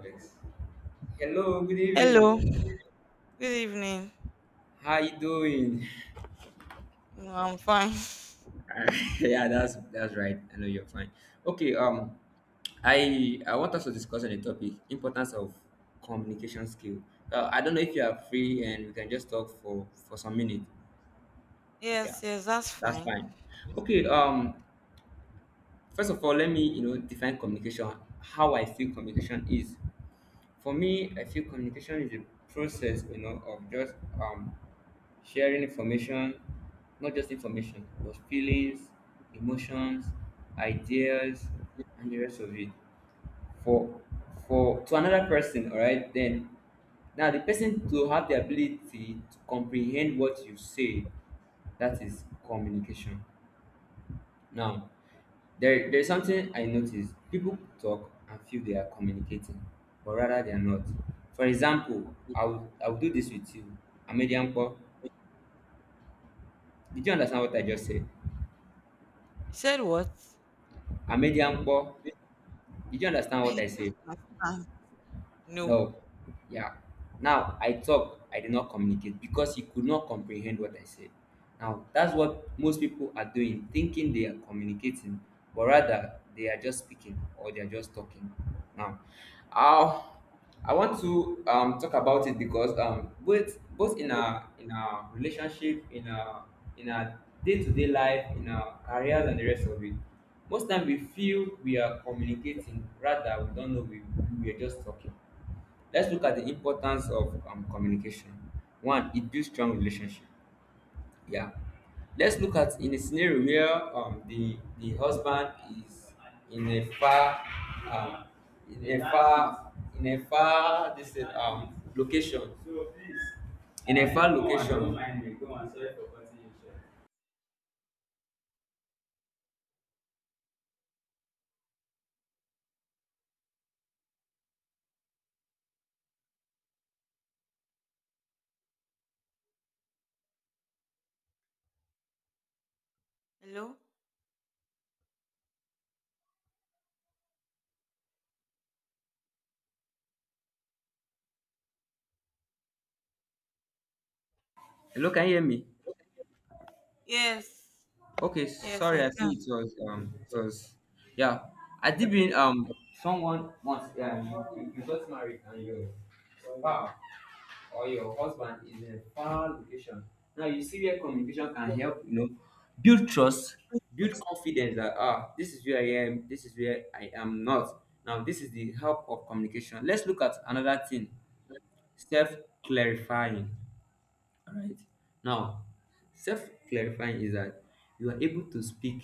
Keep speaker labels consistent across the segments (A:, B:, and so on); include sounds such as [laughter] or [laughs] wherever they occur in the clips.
A: Alex. Hello, good
B: Hello,
A: evening.
B: good evening.
A: How you doing?
B: No, I'm fine. [laughs]
A: [laughs] Yeah, that's right. I know you're fine. Okay, I want us to discuss on the topic importance of communication skill. I don't know if you are free and we can just talk for some minutes. Yeah,
B: Yes, yes, that's
A: that's
B: fine.
A: fine. Okay, first of all, let me define communication. How I feel communication is. For me, I feel communication is a process, of just um, sharing information, not just information, but feelings, emotions, ideas, and the rest of it. For for to another person, all right, then now the person to have the ability to comprehend what you say, that is communication. Now there's something I notice. People talk and feel they are communicating, but rather they are not. For example, I will do this with you. Amediampo, did you understand what I just said?
B: You said what?
A: Amediampo, did you understand
B: I
A: what
B: did
A: I said?
B: not understand. No.
A: No. Yeah. Now I talk, I did not communicate because he could not comprehend what I said. Now that's what most people are doing, thinking they are communicating, but rather they are just speaking or they are just talking. Now, uh, I want to talk about it because both in our relationship, in our day-to-day life, in our careers and the rest of it, most time we feel we are communicating, rather we don't know we are just talking. Let's look at the importance of communication. One, it builds strong relationship. Yeah. Let's look at in a scenario where the husband is in a far um, in a far in a far this is, location in a far location.
B: Hello?
A: Hello, can you hear me?
B: Yes,
A: Okay,
B: yes,
A: sorry,
B: I
A: I
B: can.
A: see it was yeah. I did been someone once yeah you got married and your spouse or your husband is in a far location. Now you see where communication can help, build trust, build confidence that this is where I am, this is where I am not. Now this is the help of communication. Let's look at another thing, self clarifying. All right. Now, self clarifying is that you are able to speak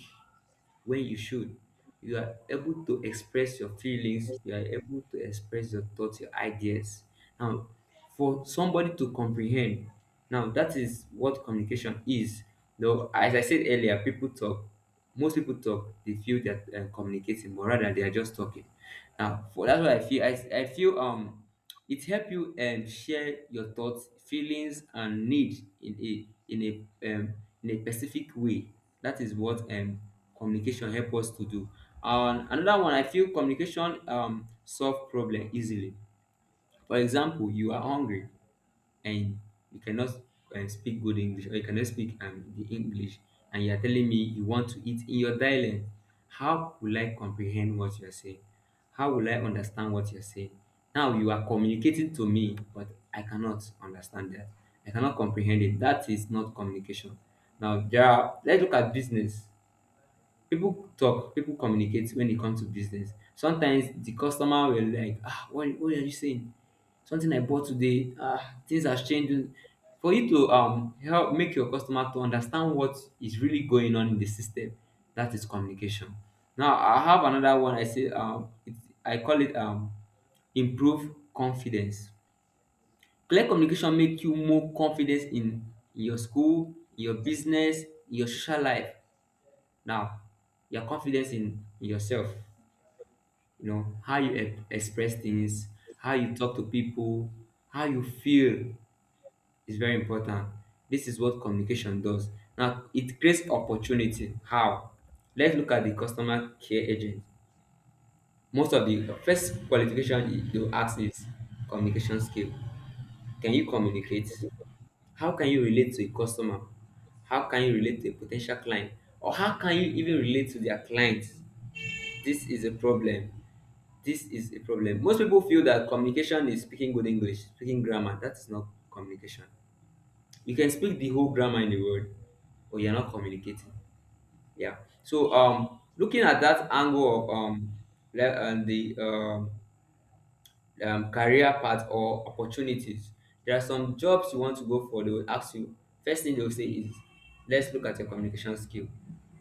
A: when you should. You are able to express your feelings. You are able to express your thoughts, your ideas. Now, for somebody to comprehend, now that is what communication is. Though, as I said earlier, people talk. Most people talk. They feel that communicating, but rather they are just talking. Now, for that's what I feel. I feel it help you share your thoughts feelings and need in a specific way that is what communication help us to do. And another one I feel communication solve problem easily. For example, you are hungry and you cannot speak good English or you cannot speak the English, and you are telling me you want to eat in your dialect, how will I comprehend what you are saying? How will I understand what you're saying? Now you are communicating to me, but I cannot understand that. I cannot comprehend it. That is not communication. Now, let's look at business. People talk, people communicate. When it comes to business, sometimes the customer will like, what are you saying? Something I bought today, things has changed. For you to help make your customer to understand what is really going on in the system, that is communication. Now I have another one I say I call it improve confidence. Clear communication make you more confident in your school, in your business, in your social life. Now, your confidence in yourself, how you express things, how you talk to people, how you feel is very important. This is what communication does. Now, it creates opportunity. How? Let's look at the customer care agent. Most of the first qualification they will ask is communication skill. Can you communicate? How can you relate to a customer? How can you relate to a potential client? Or how can you even relate to their clients? This is a problem. This is a problem. Most people feel that communication is speaking good English, speaking grammar. That is not communication. You can speak the whole grammar in the world, but you're not communicating. Yeah. So looking at that angle of le- and the career path or opportunities. There are some jobs you want to go for, they will ask you, first thing they will say is, let's look at your communication skill.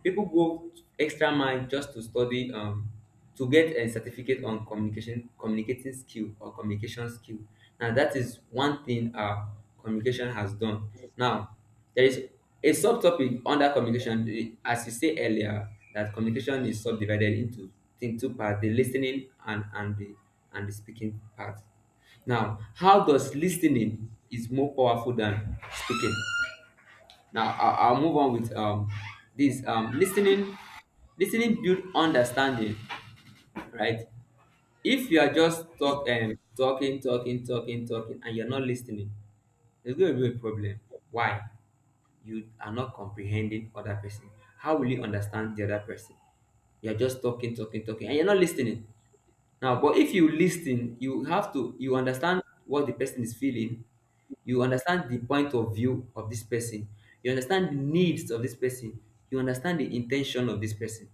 A: People go extra mile just to study to get a certificate on communication communicating skill or communication skill. Now that is one thing our communication has done. Now there is a subtopic under communication, as you said earlier, that communication is subdivided into two parts: the listening and the speaking part. Now, how does listening is more powerful than speaking? Now, I'll move on with this listening. Listening build understanding, right? If you are just talking, talking, talking, talking, and you're not listening, there's going to be a problem. Why? You are not comprehending other person. How will you understand the other person? You're just talking, talking, talking, and you're not listening. Now, but if you listen, you have to you understand what the person is feeling. You understand the point of view of this person. You understand the needs of this person. You understand the intention of this person.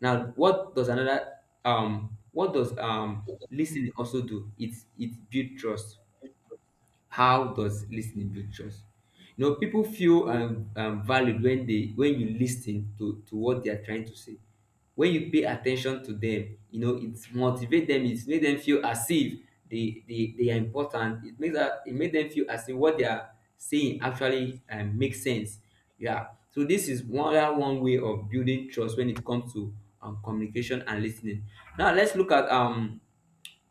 A: Now, what does listening also do? It build trust. How does listening build trust? You know, people feel valued when they when you listen to what they are trying to say. When you pay attention to them, it motivates them. It makes them feel as if they are important. It makes them feel as if what they are saying actually makes sense. Yeah. So this is one way of building trust when it comes to communication and listening. Now let's look at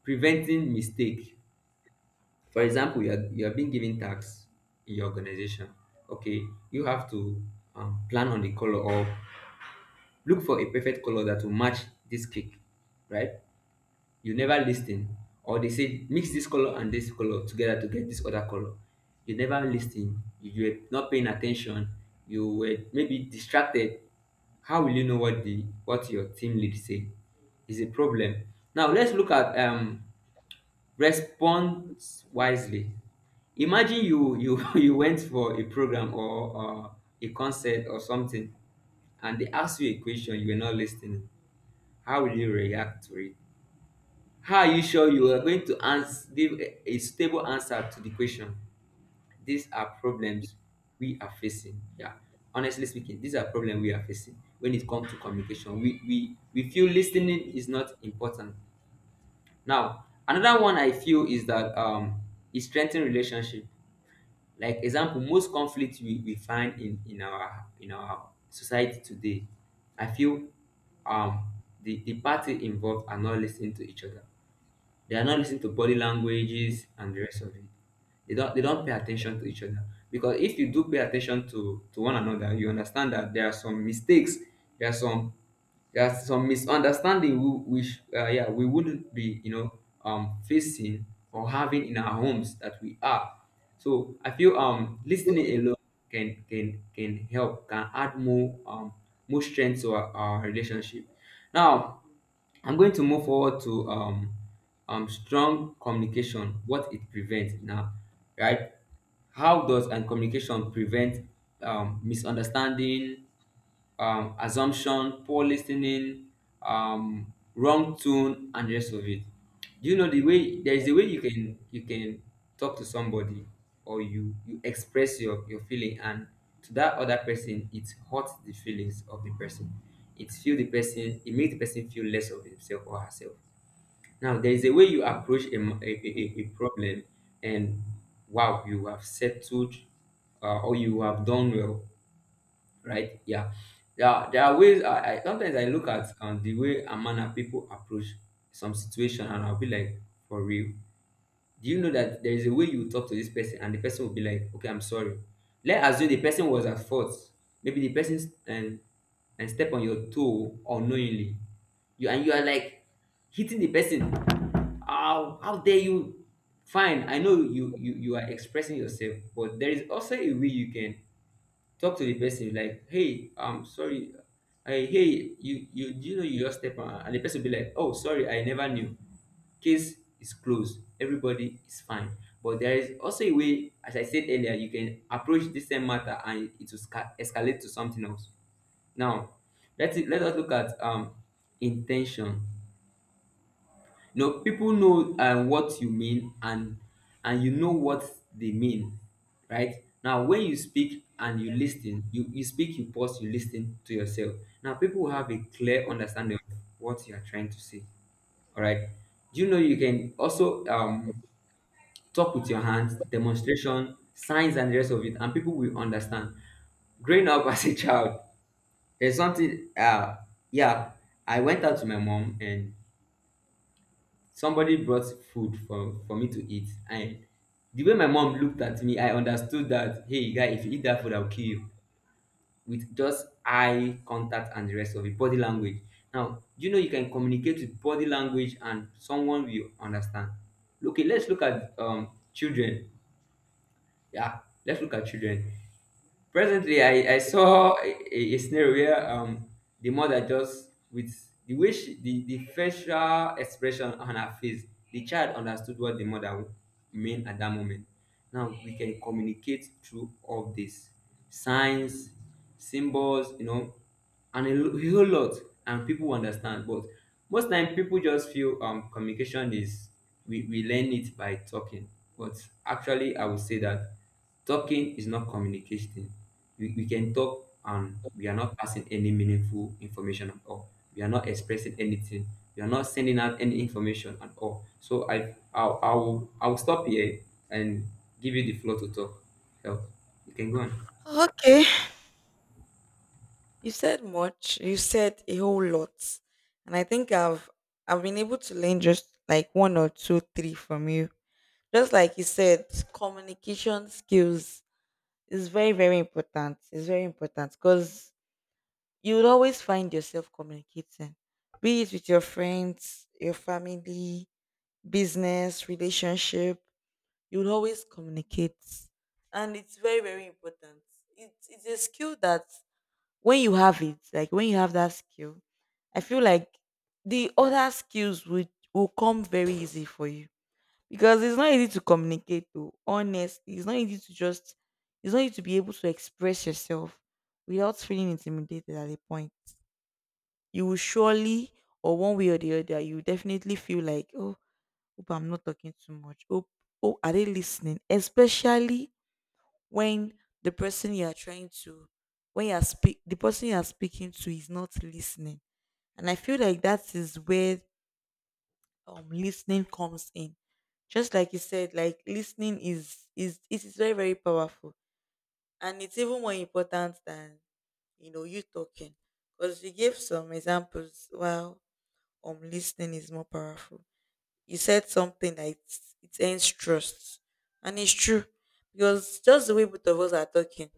A: preventing mistake. For example, you are being given tax in your organization. Okay, you have to plan on the color or look for a perfect color that will match this cake, right? You never listen, or they say mix this color and this color together to get this other color. You never listen. You were not paying attention. You were maybe distracted. How will you know what your team lead say? Is a problem. Now let's look at respond wisely. Imagine you [laughs] you went for a program or a concert or something, and they ask you a question you were not listening. How will you react to it? How are you sure you are going to answer, give a stable answer to the question? These are problems we are facing. Yeah, honestly speaking, these are problems we are facing when it comes to communication. We feel listening is not important. Now, another one I feel is that it strengthens relationship. Like example, most conflict we find in our society today, I feel um, the party involved are not listening to each other. They are not listening to body languages and the rest of it. They don't pay attention to each other. Because if you do pay attention to one another, you understand that there are some mistakes, there are some There are some misunderstanding which yeah we wouldn't be facing or having in our homes that we are. So I feel listening alone can can can help can add more more strength to our relationship. Now I'm going to move forward to strong communication, what it prevents now, right? How does and communication prevent misunderstanding, assumption, poor listening, wrong tone and rest of it. Do you know there is a way you can talk to somebody, or you express your feeling, and to that other person it hurts the feelings of the person. It makes the person feel less of himself or herself. Now there is a way you approach a, m- a problem and wow you have settled, or you have done well, right? Yeah, yeah. There are ways. I sometimes I look at the way and manner people approach some situation, and I'll be like, for real. Do you know that there is a way you talk to this person, and the person will be like, okay, I'm sorry. Let's assume the person was at fault. Maybe the person s- and step on your toe unknowingly. You are like hitting the person. How dare you? Fine, I know you are expressing yourself, but there is also a way you can talk to the person like, hey, I'm sorry. Hey, you do you know you just step on, and the person will be like, oh sorry, I never knew. Case is closed, everybody is fine. But there is also a way, as I said earlier, you can approach this same matter and it will escalate to something else. Now let's let us look at intention. No, people know what you mean, and you know what they mean, right? Now when you speak and you listen, you speak, you pause, you listen to yourself. Now people have a clear understanding of what you are trying to say, all right? Do you know you can also talk with your hands, demonstration, signs and the rest of it, and people will understand. Growing up [laughs] as a child, there's something yeah, I went out to my mom, and somebody brought food for me to eat, and the way my mom looked at me, I understood that, hey guy, if you eat that food, I'll kill you. With just eye contact and the rest of it, body language. Now do you know you can communicate with body language, and someone will understand? Okay, let's look at children. Yeah, let's look at children. Presently, I saw a scenario where the mother just, with the way the facial expression on her face, the child understood what the mother meant at that moment. Now we can communicate through all this signs, symbols, and a whole lot, and people understand. But most time, people just feel communication is we learn it by talking. But actually, I would say that talking is not communicating. We can talk and we are not passing any meaningful information at all. We are not expressing anything. We are not sending out any information at all. So I'll stop here and give you the floor to talk. Help. You can go on.
B: Okay. You said much. You said a whole lot. And I think I've been able to learn just like one or two, three from you. Just like you said, communication skills is very, very important. It's very important because you would always find yourself communicating, be it with your friends, your family, business, relationship. You would always communicate, and it's very very important. It's a skill that when you have it, like when you have that skill, I feel like the other skills would will come very easy for you because it's not easy to communicate. Though honestly, it's not easy to be able to express yourself without feeling intimidated at a point you will surely or one way or the other you definitely feel like oh hope I'm not talking too much oh oh are they listening, especially when the person you are trying to when you are speak the person you are speaking to is not listening. And I feel like that is where listening comes in. Just like you said, like listening is it is very very powerful, and it's even more important than you talking because you gave some examples. Wow. Listening is more powerful. You said something that it ends trust. And it's true. Because just the way both of us are talking,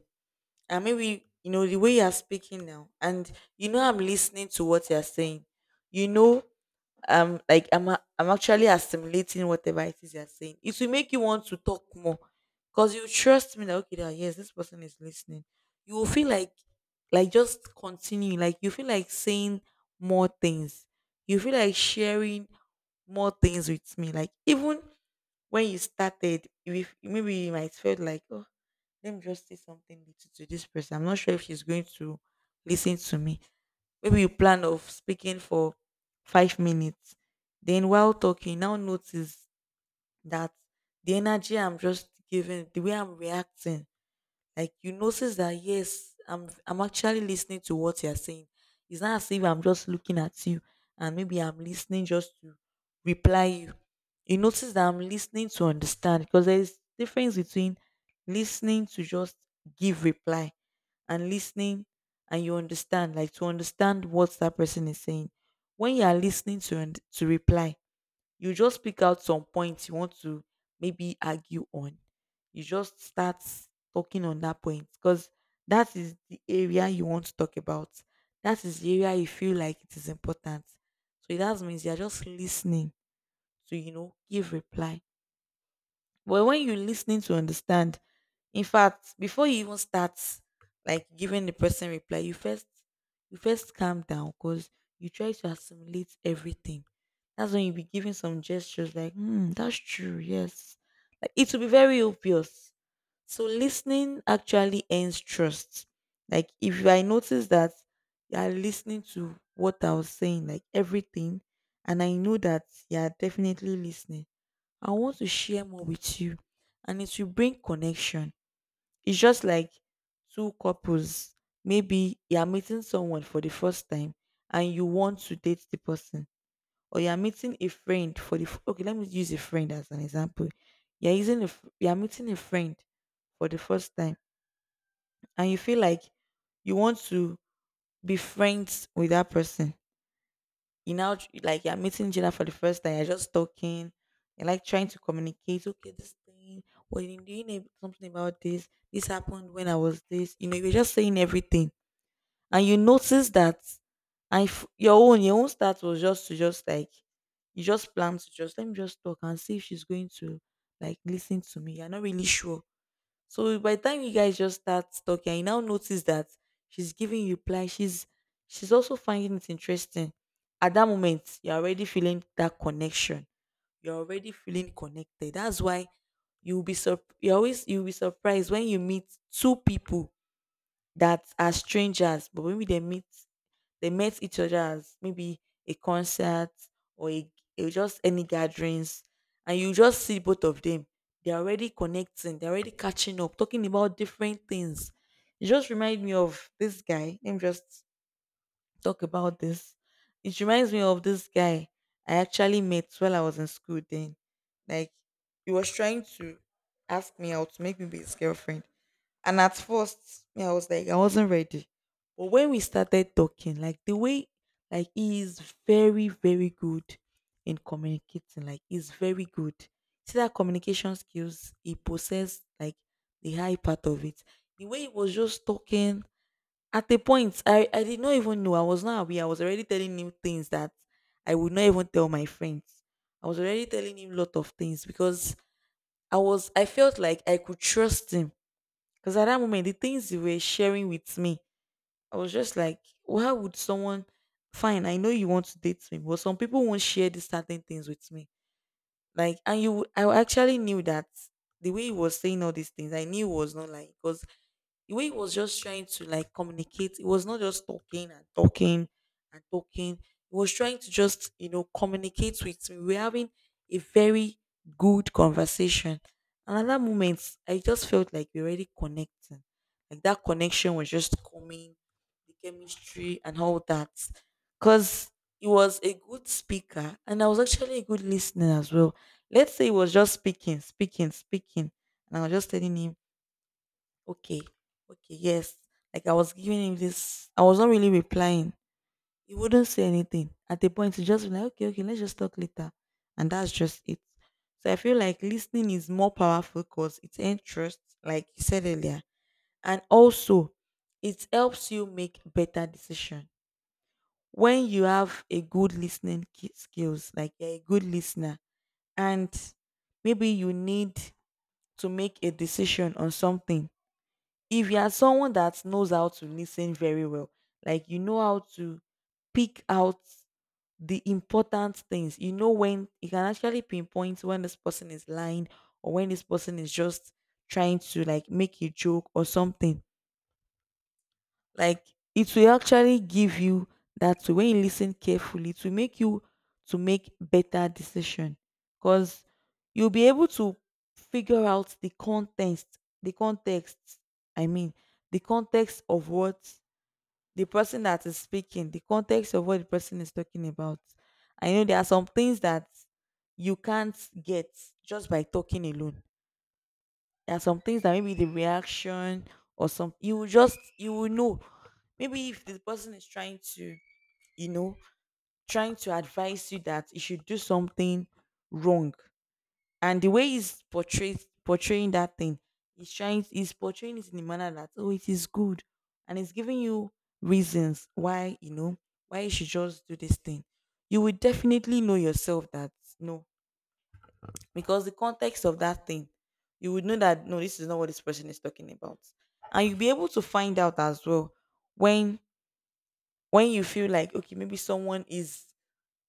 B: and maybe you know the way you are speaking now, and you know I'm listening to what you're saying. You know like I'm actually assimilating whatever it is you're saying. It will make you want to talk more because you trust me that okay, that yes, this person is listening. You will feel like, just continue, like you feel like saying more things, you feel like sharing more things with me, like even when you started, if maybe you might felt like, oh, let me just say something little to this person, I'm not sure if she's going to listen to me. Maybe you plan of speaking for 5 minutes. Then while talking, now notice that the energy I'm just giving, the way I'm reacting, like you notice that yes, I'm actually listening to what you're saying. It's not as if I'm just looking at you and maybe I'm listening just to reply you. You notice that I'm listening to understand, because there's difference between listening to just give reply, and listening and you understand, like to understand what that person is saying. When you are listening to to reply, you just pick out some points you want to maybe argue on. You just start talking on that point because that is the area you want to talk about. That is the area you feel like it is important. So that means you're just listening to, give reply. But when you're listening to understand, in fact, before you even start like giving the person reply, you first calm down because you try to assimilate everything. That's when you be giving some gestures like, hmm, that's true, yes. Like it will be very obvious. So listening actually earns trust. Like if I notice that you are listening to what I was saying, like everything, and I know that you are definitely listening. I want to share more with you, and it will bring connection. It's just like two couples. Maybe you are meeting someone for the first time and you want to date the person, or you are meeting a friend for okay, let me use a friend as an example. You are meeting a friend for the first time, and you feel like you want to be friends with that person. Like you're meeting Gina for the first time, you're just talking, you're like trying to communicate, okay, this thing, well, you doing something about this, this happened when I was this, you know, you're just saying everything. And you notice that, and if your own start was just to just like, you just plan to just let me just talk and see if she's going to like listen to me. You're not really sure, so by the time you guys just start talking, and you now notice that she's giving you reply, she's also finding it interesting. At that moment, you're already feeling that connection. You're already feeling connected. That's why you'll be surp- you always you'll be surprised when you meet two people that are strangers, but when they meet, they met each other as maybe a concert or just any gatherings, and you just see both of them. They're already connecting. They're already catching up, talking about different things. It just reminds me of this guy. Let me just talk about this. It reminds me of this guy I actually met while I was in school. Then, like, he was trying to ask me out to make me be his girlfriend, and at first, me, I was like, I wasn't ready. But when we started talking, like the way, like he is very, very good in communicating. Like he's very good. See that communication skills he possessed, like the high part of it. The way he was just talking. At the point, I did not even know. I was not aware. I was already telling him things that I would not even tell my friends. I was already telling him a lot of things because I felt like I could trust him, because at that moment, the things you were sharing with me, I was just like, why would someone, fine, I know you want to date me, but some people won't share these certain things with me. Like, and you, I actually knew that the way he was saying all these things, I knew he was not lying. Because the way he was just trying to like communicate, it was not just talking and talking and talking. He was trying to just, communicate with me. We were having a very good conversation. And at that moment, I just felt like we were already connecting. Like that connection was just coming, the chemistry and all that. Because he was a good speaker and I was actually a good listener as well. Let's say he was just speaking, speaking, speaking. And I was just telling him, okay. Okay. Yes. Like I was giving him this, I was not really replying. He wouldn't say anything. At the point, he just be like, okay, okay, let's just talk later. And that's just it. So I feel like listening is more powerful because it's interest, like you said earlier. And also, it helps you make better decision. When you have a good listening skills, like you're a good listener, and maybe you need to make a decision on something, if you are someone that knows how to listen very well, like you know how to pick out the important things, you know when you can actually pinpoint when this person is lying or when this person is just trying to like make a joke or something, like it will actually give you that. When you listen carefully, it will make you to make better decision, because you'll be able to figure out the context, the context, I mean, the context of what the person that is speaking, the context of what the person is talking about. I know there are some things that you can't get just by talking alone. There are some things that maybe the reaction, or some, you will know. Maybe if the person is trying to, you know, trying to advise you that you should do something wrong. And the way he's portrayed portraying that thing, he's portraying it in a manner that oh, it is good. And he's giving you reasons why, why you should just do this thing. You will definitely know yourself that no, because the context of that thing, you would know that no, this is not what this person is talking about, and you'll be able to find out as well when when you feel like okay, maybe someone is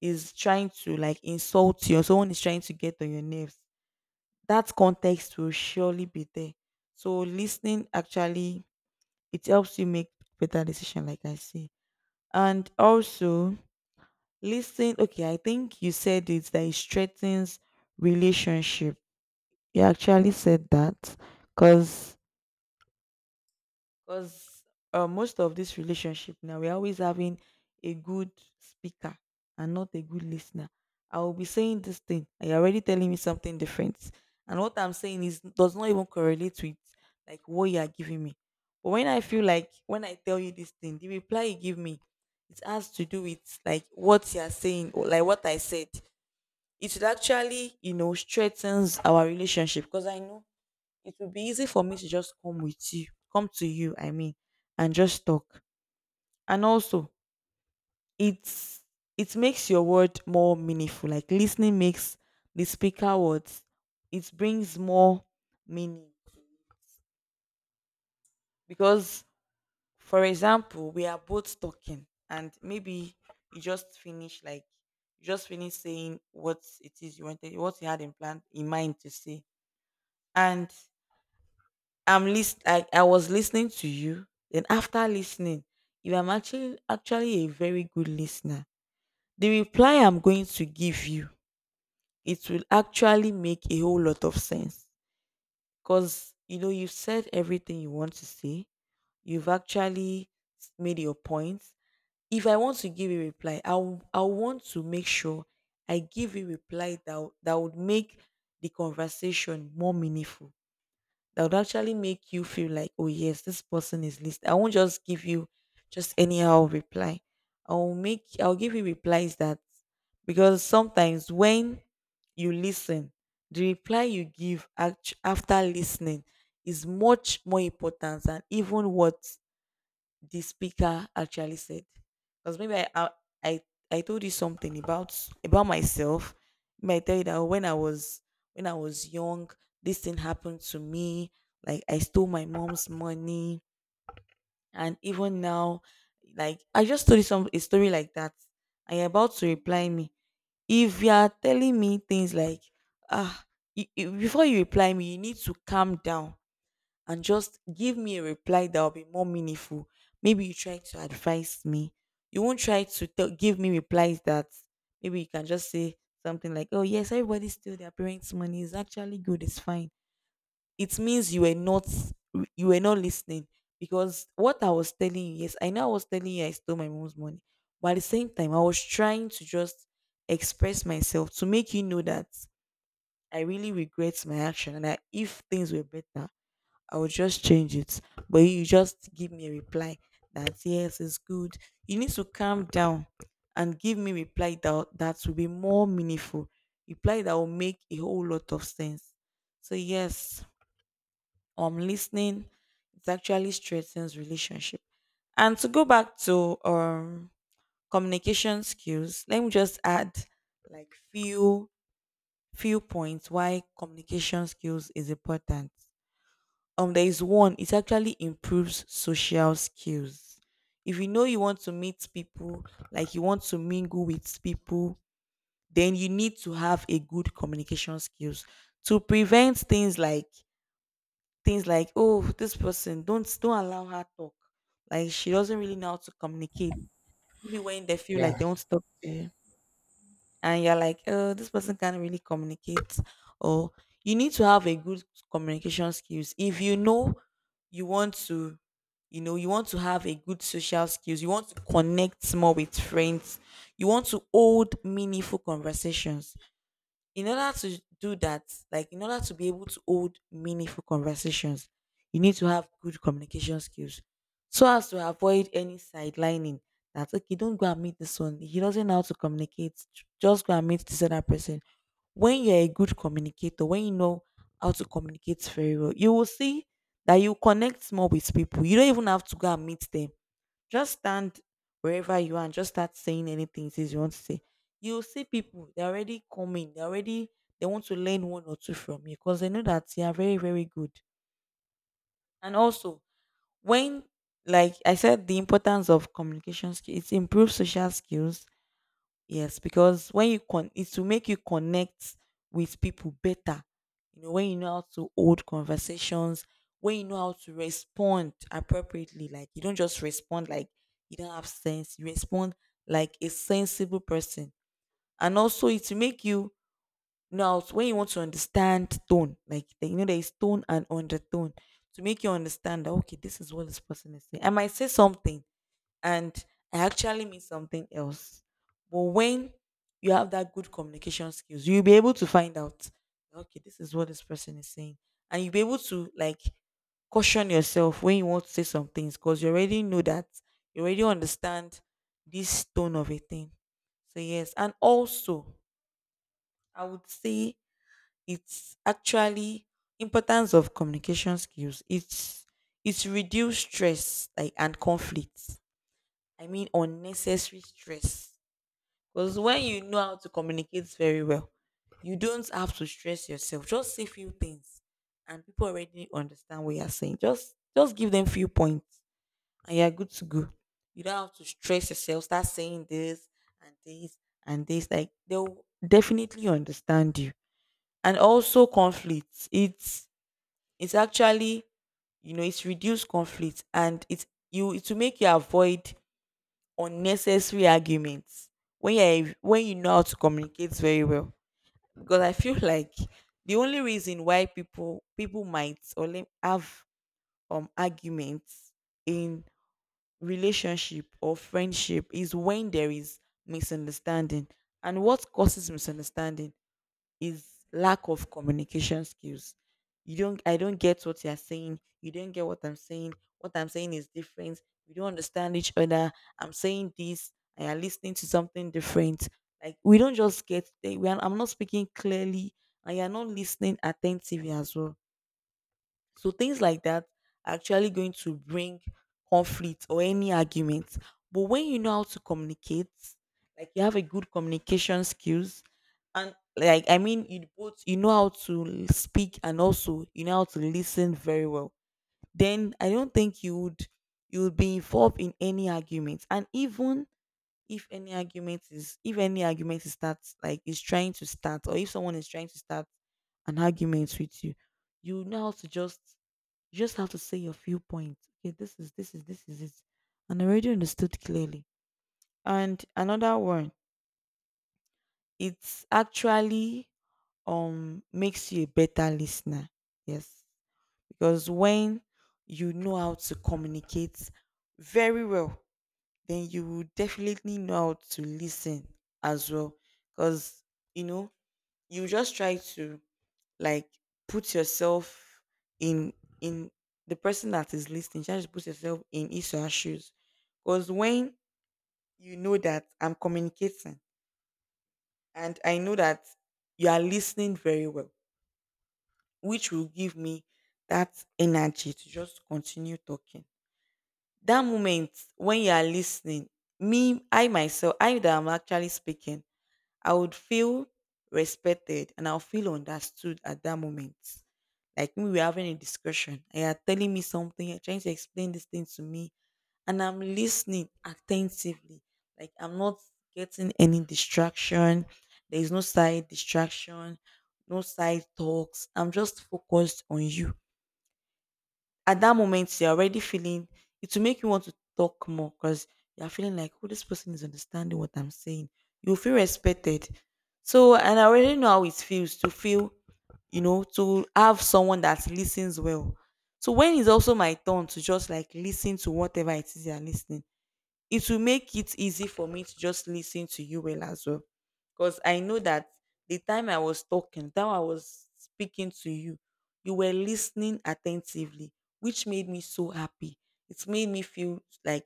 B: is trying to like insult you, or someone is trying to get on your nerves. That context will surely be there. So listening actually, it helps you make better decision, like I say, and also listening. Okay, I think you said it, that it strengthens relationship. You actually said that, because because most of this relationship now, we're always having a good speaker and not a good listener. I will be saying this thing, and you're already telling me something different. And what I'm saying is does not even correlate with like what you are giving me. But when I feel like when I tell you this thing, the reply you give me, it has to do with like what you are saying or like what I said. It will actually, strengthens our relationship because I know it would be easy for me to just come with you come to you I mean, and just talk. And also it's it makes your word more meaningful, like listening makes the speaker words, it brings more meaning. Because for example, we are both talking and maybe you just finish like you just finish saying what it is you wanted, what you had in plan in mind to say. And I was listening to you. Then after listening, you are actually a very good listener. The reply I'm going to give you, it will actually make a whole lot of sense. Because you know you've said everything you want to say. You've actually made your points. If I want to give a reply, I want to make sure I give a reply that would make the conversation more meaningful, that would actually make you feel like, oh yes, this person is listening. I won't just give you just anyhow reply. I'll give you replies that, because sometimes when you listen, the reply you give after listening is much more important than even what the speaker actually said. Because maybe i I told you something about myself. Maybe I tell you that when I was young, this thing happened to me, like I stole my mom's money. And even now, like I just told you some a story like that, and you're about to reply me. If you are telling me things like, ah, before you reply me, you need to calm down and just give me a reply that will be more meaningful. Maybe you try to advise me. You won't try to tell give me replies that, maybe you can just say something like, "Oh yes, everybody steal their parents' money. It's actually good. It's fine." It means you were not listening. Because what I was telling you, yes, I know I was telling you I stole my mom's money, but at the same time, I was trying to just express myself to make you know that I really regret my action, and that if things were better, I would just change it. But you just give me a reply that yes, it's good. You need to calm down and give me reply that will be more meaningful. Reply that will make a whole lot of sense. So yes, I'm listening. It actually strengthens relationship. And to go back to communication skills, let me just add like few points why communication skills is important. There is one, it actually improves social skills. If you know you want to meet people, like you want to mingle with people, then you need to have a good communication skills to prevent things like oh, this person don't allow her talk, like she doesn't really know how to communicate. Maybe when they feel
A: Yeah,
B: like they want to talk to you, and you're like, oh, this person can't really communicate, or you need to have a good communication skills. If you know you want to, you know, you want to have a good social skills, you want to connect more with friends, you want to hold meaningful conversations, in order to do that, like in order to be able to hold meaningful conversations, you need to have good communication skills, so as to avoid any sidelining that, okay, don't go and meet this one. He doesn't know how to communicate. Just go and meet this other person. When you're a good communicator, when you know how to communicate very well, you will see that you connect more with people. You don't even have to go and meet them, just stand wherever you are and just start saying anything it is you want to say. You'll see people, they already they want to learn one or two from you, because they know that you are very, very good. And also, when, like I said, the importance of communication skills, it improves social skills. Yes, because when you con it's to make you connect with people better. You know, when you know how to hold conversations, when you know how to respond appropriately, like you don't just respond like you don't have sense, you respond like a sensible person. And also it to make you know how to, when you want to understand tone, like you know there is tone and undertone, to make you understand that okay, this is what this person is saying. I might say something and I actually mean something else. But when you have that good communication skills, you'll be able to find out, okay, this is what this person is saying. And you'll be able to like caution yourself when you want to say some things, because you already know that, you already understand this tone of a thing. So, yes. And also, I would say it's actually importance of communication skills. It's reduced stress, like, and conflict, I mean unnecessary stress. Because when you know how to communicate very well, you don't have to stress yourself. Just say few things and people already understand what you're saying. Just give them few points and you're good to go. You don't have to stress yourself, start saying this and this and this. Like they'll definitely understand you. And also conflicts. It's actually, you know, it's reduced conflict and it will make you avoid unnecessary arguments when you're when you know how to communicate very well. Because I feel like the only reason why people might have arguments in relationship or friendship is when there is misunderstanding. And what causes misunderstanding is lack of communication skills. You don't I don't get what you're saying. You don't get what I'm saying. What I'm saying is different. We don't understand each other. I'm saying this and you're listening to something different. Like we don't just get there. I'm not speaking clearly and you're not listening attentively as well. So things like that are actually going to bring conflict or any argument. But when you know how to communicate, like you have a good communication skills, and like I mean, you both you know how to speak and also you know how to listen very well. Then I don't think you would be involved in any argument. And even if any argument is start like is trying to start, or if someone is trying to start an argument with you, you know how to just, you just have to say your viewpoint. Okay, this is it. And I already understood clearly. And another one, it's actually makes you a better listener. Yes. Because when you know how to communicate very well, then you will definitely know how to listen as well. Because you know, you just try to, like, put yourself in in the person that is listening. Just put yourself in his or her shoes. Because when you know that I'm communicating and I know that you are listening very well, which will give me that energy to just continue talking. That moment when you are listening, me, I myself, I that I'm actually speaking, I would feel respected, and I'll feel understood at that moment. Like when we're having a discussion and you're telling me something, you're trying to explain this thing to me, and I'm listening attentively. Like I'm not getting any distraction. There is no side distraction, no side talks. I'm just focused on you. At that moment you're already feeling, it will make you want to talk more, because you're feeling like, oh, this person is understanding what I'm saying. You feel respected. So, and I already know how it feels to feel, you know, to have someone that listens well. So when it's also my turn to just like listen to whatever it is you're listening, it will make it easy for me to just listen to you well as well, because I know that the time I was speaking to you, you were listening attentively, which made me so happy. It made me feel like,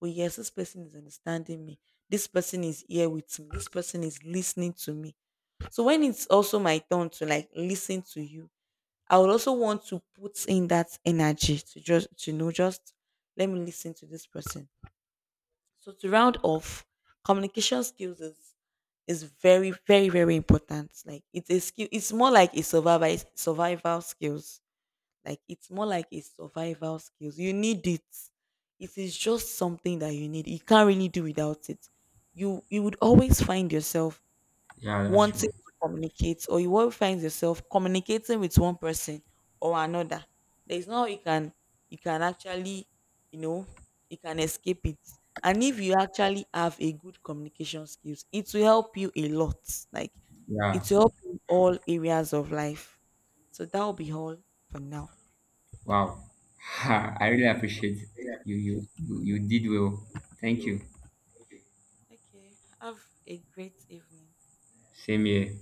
B: oh, yes, this person is understanding me. This person is here with me. This person is listening to me. So when it's also my turn to like listen to you, I would also want to put in that energy to just to know, just let me listen to this person. So to round off, communication skills is very, very, very important. Like it's a skill. It's more like a survival skills. Like it's more like a survival skills. You need it. It is just something that you need. You can't really do without it. You would always find yourself
A: yeah, that's true.
B: wanting to communicate, or you will find yourself communicating with one person or another. There's no how you can, you can actually, you know, you can escape it. And if you actually have a good communication skills, it will help you a lot. Like
A: Yeah,
B: it will help you in all areas of life. So that will be all for now.
A: wow. [laughs] I really appreciate you. You did well. Thank you.
B: Okay, have a great evening.
A: Same here.